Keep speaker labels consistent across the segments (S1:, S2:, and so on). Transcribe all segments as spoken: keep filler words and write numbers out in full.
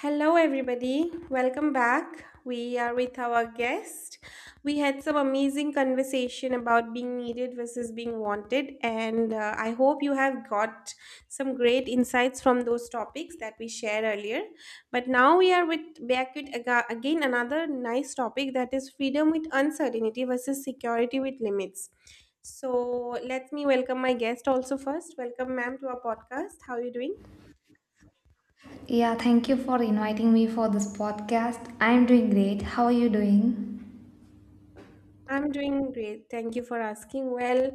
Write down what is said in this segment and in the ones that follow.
S1: Hello, everybody. Welcome back. We are with our guest. We had some amazing conversation about being needed versus being wanted, and uh, I hope you have got some great insights from those topics that we shared earlier. But now we are with back with aga- again another nice topic, that is freedom with uncertainty versus security with limits. So let me welcome my guest also first. Welcome, ma'am, to our podcast. How are you doing?
S2: Yeah, thank you for inviting me for this podcast. I'm doing great. How are you doing?
S1: I'm doing great. Thank you for asking. Well,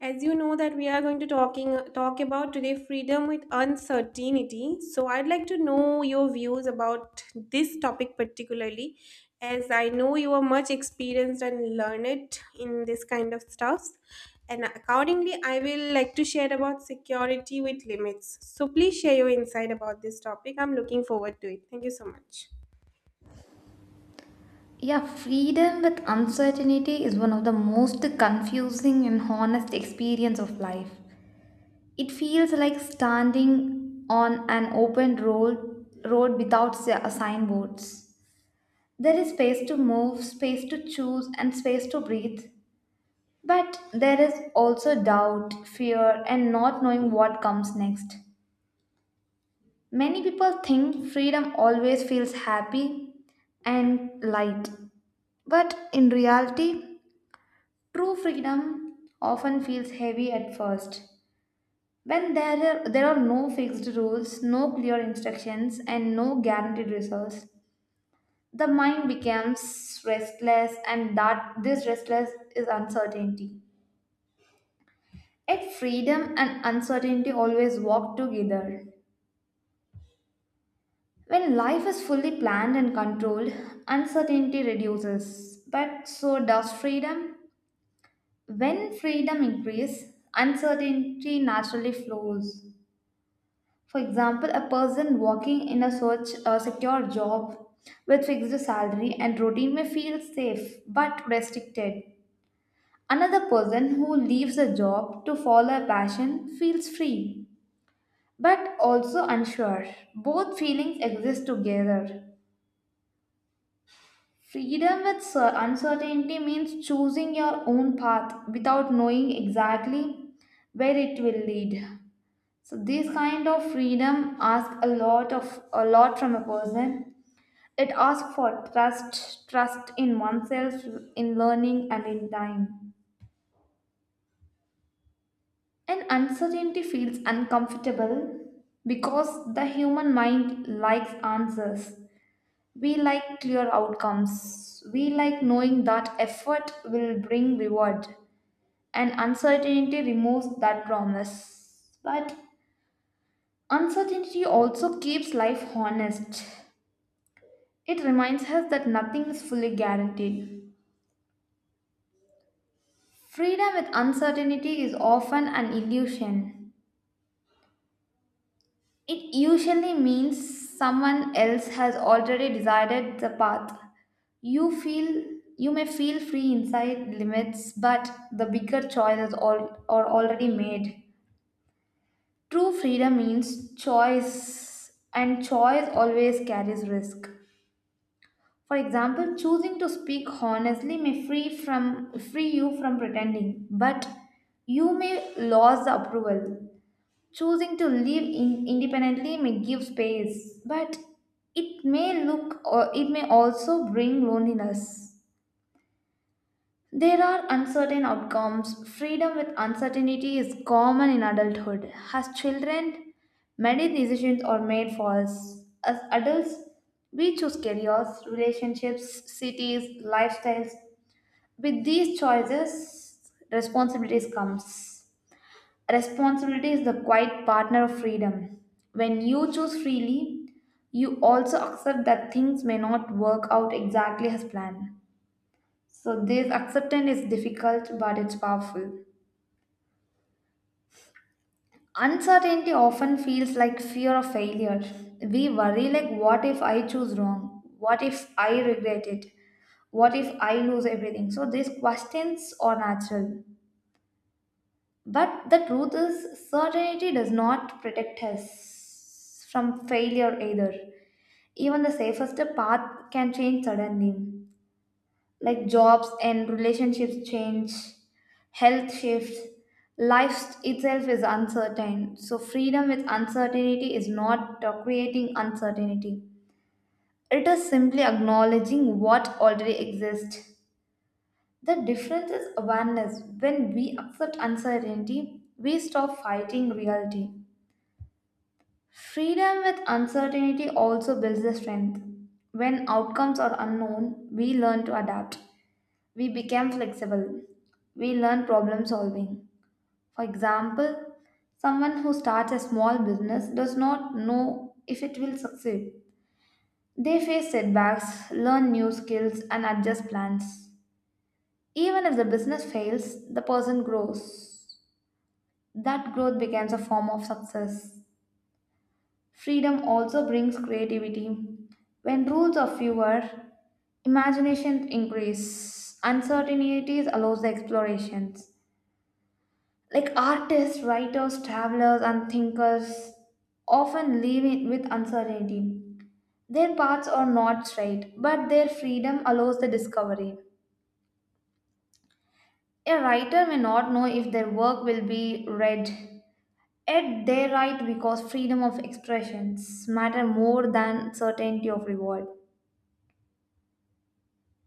S1: as you know that we are going to talking talk about today freedom with uncertainty. So I'd like to know your views about this topic particularly, as I know you are much experienced and learned in this kind of stuff. And accordingly, I will like to share about security with limits. So please share your insight about this topic. I'm looking forward to it. Thank you so much.
S2: Yeah, freedom with uncertainty is one of the most confusing and honest experience of life. It feels like standing on an open road road without si- uh, signboards. There is space to move, space to choose, and space to breathe. But there is also doubt, fear, and not knowing what comes next. Many people think freedom always feels happy and light, but in reality, true freedom often feels heavy at first. When there are, there are no fixed rules, no clear instructions, and no guaranteed results. The mind becomes restless, and that this restless is uncertainty. Yet freedom and uncertainty always walk together. When life is fully planned and controlled, uncertainty reduces, but so does freedom. When freedom increases, uncertainty naturally flows. For example, a person working in a search a secure job with fixed salary and routine may feel safe but restricted. Another person who leaves a job to follow a passion feels free but also unsure. Both feelings exist together. Freedom with cer- uncertainty means choosing your own path without knowing exactly where it will lead. So this kind of freedom asks a lot of a lot from a person. It asks for trust, trust in oneself, in learning and in time. And uncertainty feels uncomfortable because the human mind likes answers. We like clear outcomes. We like knowing that effort will bring reward, and uncertainty removes that promise. But uncertainty also keeps life honest. It reminds us that nothing is fully guaranteed. Freedom with uncertainty is often an illusion. It usually means someone else has already decided the path. You feel you may feel free inside limits, but the bigger choices all, are already made. True freedom means choice, and choice always carries risk. For example, choosing to speak honestly may free from free you from pretending, but you may lose the approval. Choosing to live in independently may give space, but it may look or it may also bring loneliness. There are uncertain outcomes. Freedom with uncertainty is common in adulthood. As children, many decisions are made for us. As adults, we choose careers, relationships, cities, lifestyles. With these choices, responsibilities comes. Responsibility is the quiet partner of freedom. When you choose freely, you also accept that things may not work out exactly as planned. So, this acceptance is difficult but it's powerful. Uncertainty often feels like fear of failure. We worry, like, what if I choose wrong? What if I regret it? What if I lose everything? So, these questions are natural. But the truth is, certainty does not protect us from failure either. Even the safest path can change suddenly. Like jobs and relationships change, health shifts, life itself is uncertain. So, freedom with uncertainty is not uh, creating uncertainty, it is simply acknowledging what already exists. The difference is awareness. When we accept uncertainty, we stop fighting reality. Freedom with uncertainty also builds the strength. When outcomes are unknown, we learn to adapt. We become flexible. We learn problem solving. For example, someone who starts a small business does not know if it will succeed. They face setbacks, learn new skills, and adjust plans. Even if the business fails, the person grows. That growth becomes a form of success. Freedom also brings creativity. When rules are fewer, imagination increase. Uncertainties allows the explorations. Like artists, writers, travelers, and thinkers often live in- with uncertainty. Their paths are not straight, but their freedom allows the discovery. A writer may not know if their work will be read, yet they write because freedom of expressions matter more than certainty of reward.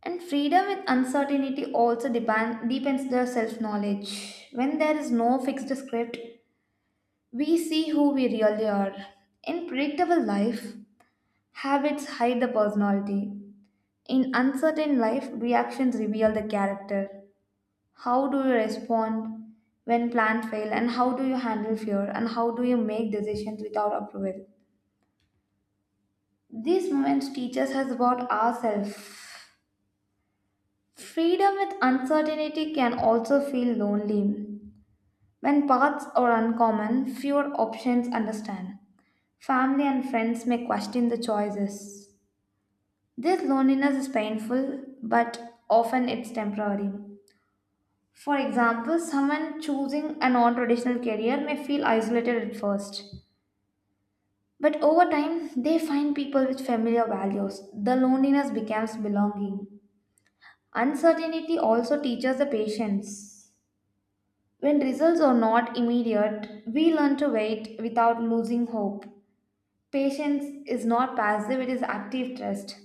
S2: And freedom with uncertainty also depend deepens the self knowledge. When there is no fixed script, we see who we really are. In predictable life, habits hide the personality. In uncertain life, reactions reveal the character. How do you respond when plans fail, and how do you handle fear, and how do you make decisions without approval? These moments teach us about ourselves. Freedom with uncertainty can also feel lonely. When paths are uncommon, fewer options understand. Family and friends may question the choices. This loneliness is painful, but often it's temporary. For example, someone choosing a non traditional career may feel isolated at first, but over time they find people with familiar values. The loneliness becomes belonging. Uncertainty also teaches the patience. When results are not immediate, we learn to wait without losing hope. Patience is not passive, it is active trust.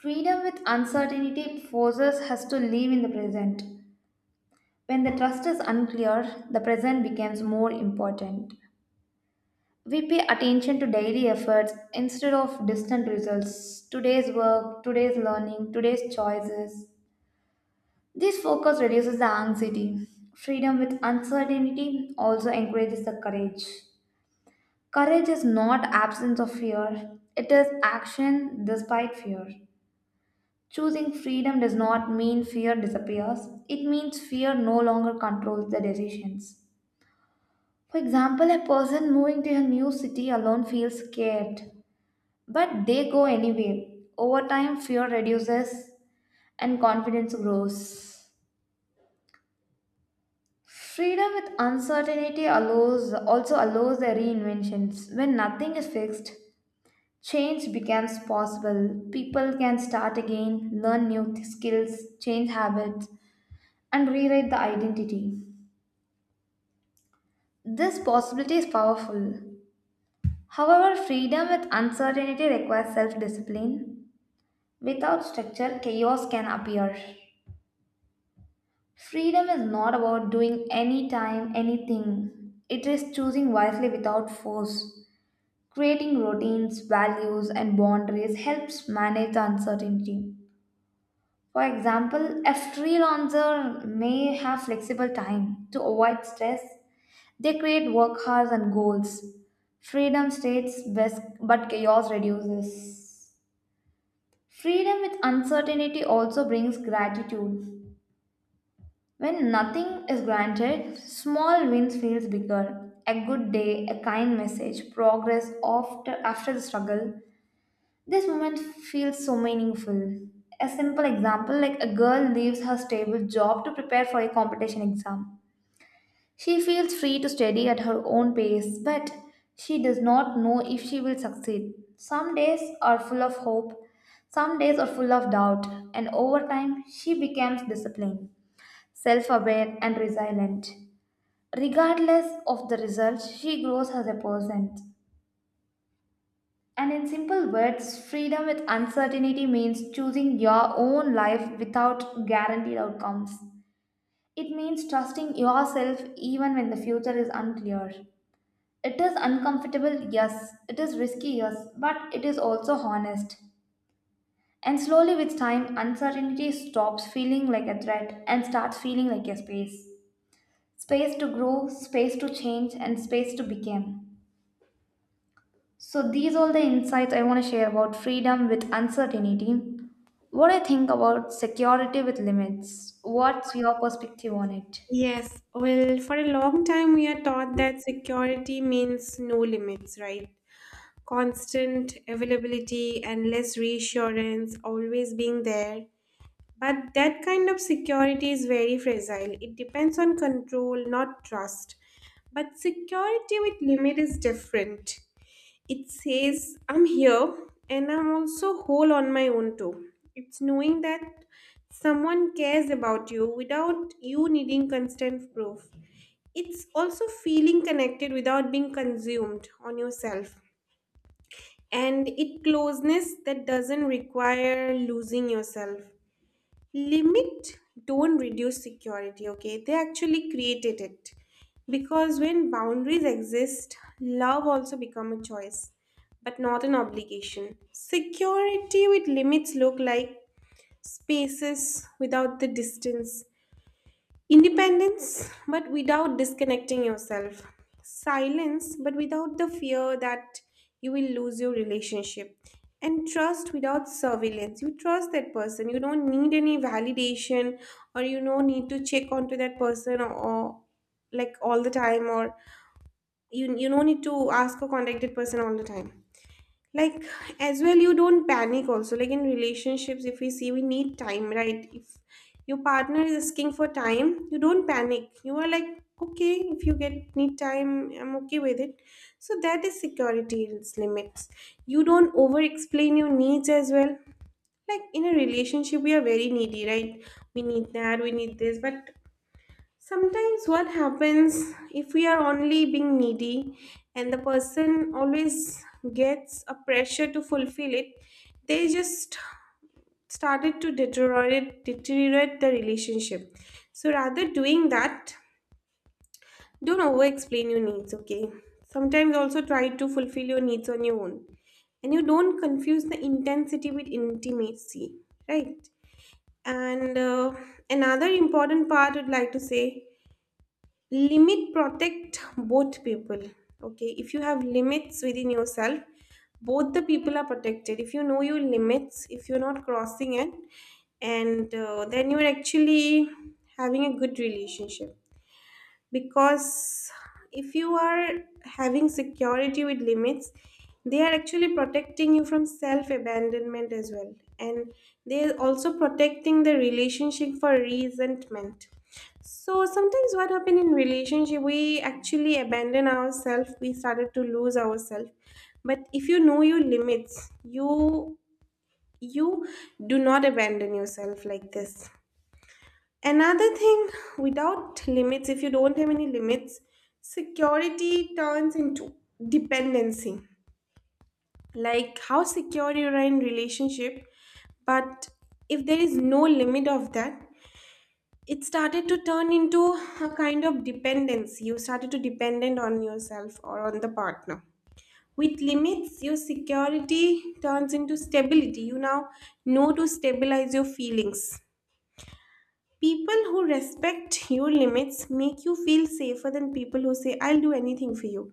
S2: Freedom with uncertainty forces us to live in the present. When the trust is unclear, the present becomes more important. We pay attention to daily efforts instead of distant results. Today's work, today's learning, today's choices. This focus reduces the anxiety. Freedom with uncertainty also encourages the courage. Courage is not absence of fear, it is action despite fear. Choosing freedom does not mean fear disappears, it means fear no longer controls the decisions. For example, a person moving to a new city alone feels scared, but they go anyway. Over time, fear reduces and confidence grows. Freedom with uncertainty allows also allows the reinventions. When nothing is fixed, change becomes possible. People can start again, learn new th- skills, change habits, and rewrite the identity. This possibility is powerful. However, freedom with uncertainty requires self discipline. Without structure, chaos can appear. Freedom is not about doing any time anything, it is choosing wisely without force. Creating routines, values, and boundaries helps manage the uncertainty. For example, a freelancer may have flexible time to avoid stress. They create work hours and goals. Freedom states best, but chaos reduces. Freedom with uncertainty also brings gratitude. When nothing is granted, small wins feels bigger. A good day, a kind message, progress after, after the struggle. This moment feels so meaningful. A simple example like a girl leaves her stable job to prepare for a competition exam. She feels free to study at her own pace, but she does not know if she will succeed. Some days are full of hope, some days are full of doubt, and over time, she becomes disciplined, self aware, and resilient. Regardless of the result, she grows as a person. And in simple words, freedom with uncertainty means choosing your own life without guaranteed outcomes. It means trusting yourself even when the future is unclear. It is uncomfortable, yes. It is risky, yes. But it is also honest. And slowly with time, uncertainty stops feeling like a threat and starts feeling like a space. Space to grow, space to change, and space to become. So these all the insights I want to share about freedom with uncertainty. What do you think about security with limits? What's your perspective on it?
S1: Yes, well, for a long time we are taught that security means no limits, right? Constant availability, endless reassurance, always being there. But that kind of security is very fragile. It depends on control, not trust. But security with limit is different. It says, I'm here and I'm also whole on my own too. It's knowing that someone cares about you without you needing constant proof. It's also feeling connected without being consumed on yourself. And it closeness that doesn't require losing yourself. Limit don't reduce security, okay? They actually created it. Because when boundaries exist, love also become a choice, but not an obligation. Security with limits look like spaces without the distance. Independence, but without disconnecting yourself. Silence, but without the fear that you will lose your relationship. And trust without surveillance. You trust that person. You don't need any validation or you don't need to check onto that person, or, or like all the time, or you, you don't need to ask a contacted person all the time, like as well you don't panic also. Like in relationships, if we see, we need time, right? If your partner is asking for time, you don't panic, you are like, okay, if you get need time, I'm okay with it. So that is security in its limits. You don't over explain your needs as well, like in a relationship we are very needy, right? We need that, we need this, but sometimes what happens if we are only being needy and the person always gets a pressure to fulfill it, they just started to deteriorate deteriorate the relationship. So rather doing that, don't over explain your needs, okay? Sometimes also try to fulfill your needs on your own. And you don't confuse the intensity with intimacy, right? And uh, Another important part I'd like to say, limit protect both people, okay? If you have limits within yourself, both the people are protected. If you know your limits, if you're not crossing it, and uh, then you're actually having a good relationship, because if you are having security with limits, they are actually protecting you from self abandonment as well, and they are also protecting the relationship for resentment. So sometimes what happened in relationship, we actually abandon ourselves, we started to lose ourselves. But if you know your limits, you you do not abandon yourself like this. Another thing, without limits, if you don't have any limits, security turns into dependency. Like how secure you are in relationship, but if there is no limit of that, it started to turn into a kind of dependency. You started to dependent on yourself or on the partner. With limits, your security turns into stability. You now know to stabilize your feelings. People who respect your limits make you feel safer than people who say, I'll do anything for you.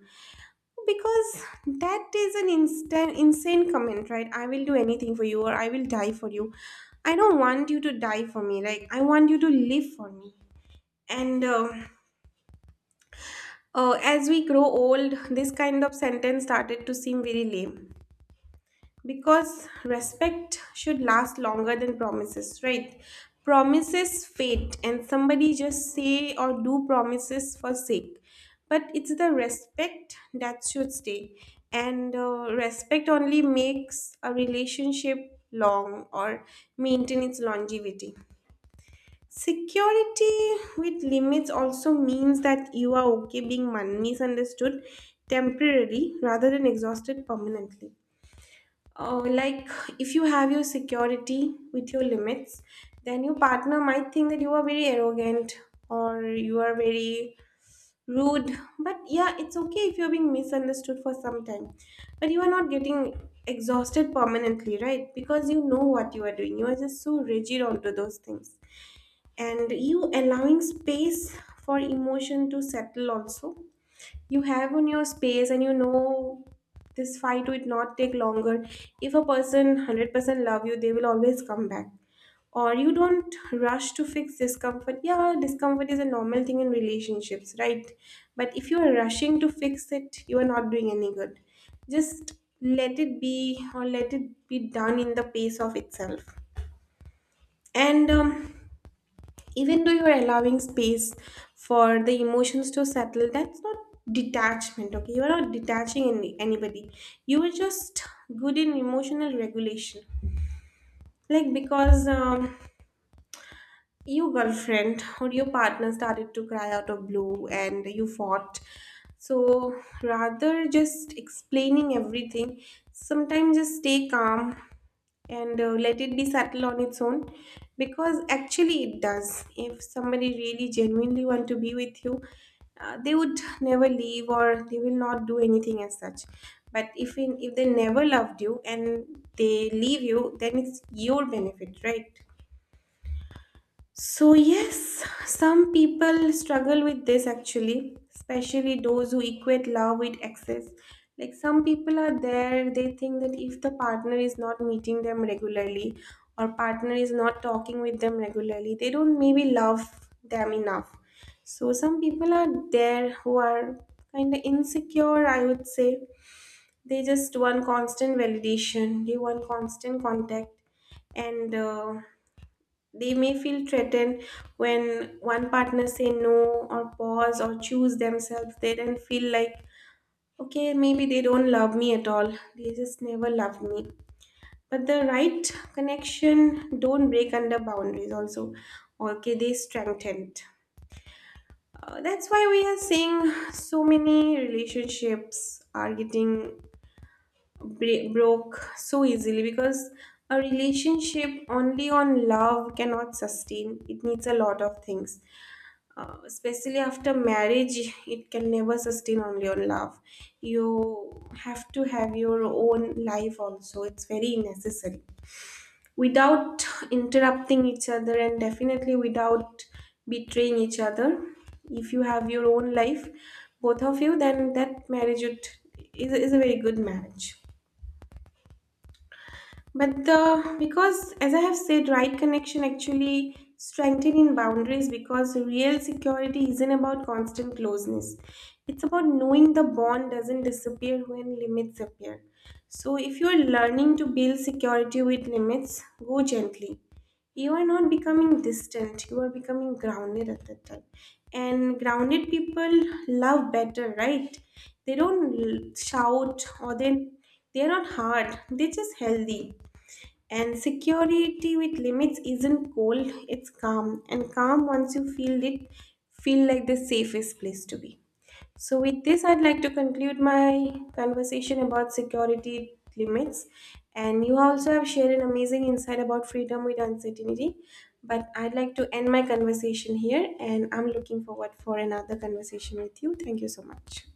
S1: Because that is an instant, insane comment, right? I will do anything for you, or I will die for you. I don't want you to die for me. Like, I want you to live for me. And um uh, As we grow old, this kind of sentence started to seem very lame, because respect should last longer than promises, right? Promises fade, and somebody just say or do promises for sake, but it's the respect that should stay. And uh, Respect only makes a relationship long or maintain its longevity. Security with limits also means that you are okay being mon- misunderstood temporarily rather than exhausted permanently. Uh, like, if you have your security with your limits, then your partner might think that you are very arrogant or you are very rude. But yeah, it's okay if you're being misunderstood for some time. But you are not getting exhausted permanently, right? Because you know what you are doing. You are just so rigid onto those things. And you allowing space for emotion to settle also. You have on your space, and you know this fight would not take longer. If a person one hundred percent love you, they will always come back. Or you don't rush to fix discomfort. Yeah, discomfort is a normal thing in relationships, right? But if you are rushing to fix it, you are not doing any good. Just let it be, or let it be done in the pace of itself. And um, Even though you're allowing space for the emotions to settle, that's not detachment, okay? You're not detaching any, anybody, you are just good in emotional regulation. Like because um, Your girlfriend or your partner started to cry out of blue and you fought. So rather just explaining everything, sometimes just stay calm, and uh, let it be settle on its own, because actually it does. If somebody really genuinely want to be with you, uh, they would never leave, or they will not do anything as such. But if in, if they never loved you and they leave you, then it's your benefit, right? So, yes, some people struggle with this actually, especially those who equate love with excess. Like, some people are there, they think that if the partner is not meeting them regularly or partner is not talking with them regularly, they don't maybe love them enough. So, some people are there who are kind of insecure, I would say. They just want constant validation, they want constant contact, and uh, they may feel threatened when one partner say no or pause or choose themselves. They then feel like, okay, maybe they don't love me at all. They just never love me. But the right connection don't break under boundaries also. Okay, they strengthened. Uh, that's why we are seeing so many relationships are getting bre- broke so easily, because a relationship only on love cannot sustain. It needs a lot of things, uh, especially after marriage it can never sustain only on love. You have to have your own life also, it's very necessary, without interrupting each other, and definitely without betraying each other. If you have your own life, both of you, then that marriage would, is, is a very good marriage. But the, because as I have said, right connection actually strengthening boundaries, because real security isn't about constant closeness. It's about knowing the bond doesn't disappear when limits appear. So if you're learning to build security with limits, go gently. You are not becoming distant, you are becoming grounded at that time. And grounded people love better, right? They don't l- shout, or they they're not hard, they're just healthy. And security with limits isn't cold, it's calm. And calm, once you feel it, feel like the safest place to be. So with this, I'd like to conclude my conversation about security limits. And you also have shared an amazing insight about freedom with uncertainty. But I'd like to end my conversation here, and I'm looking forward for another conversation with you. Thank you so much.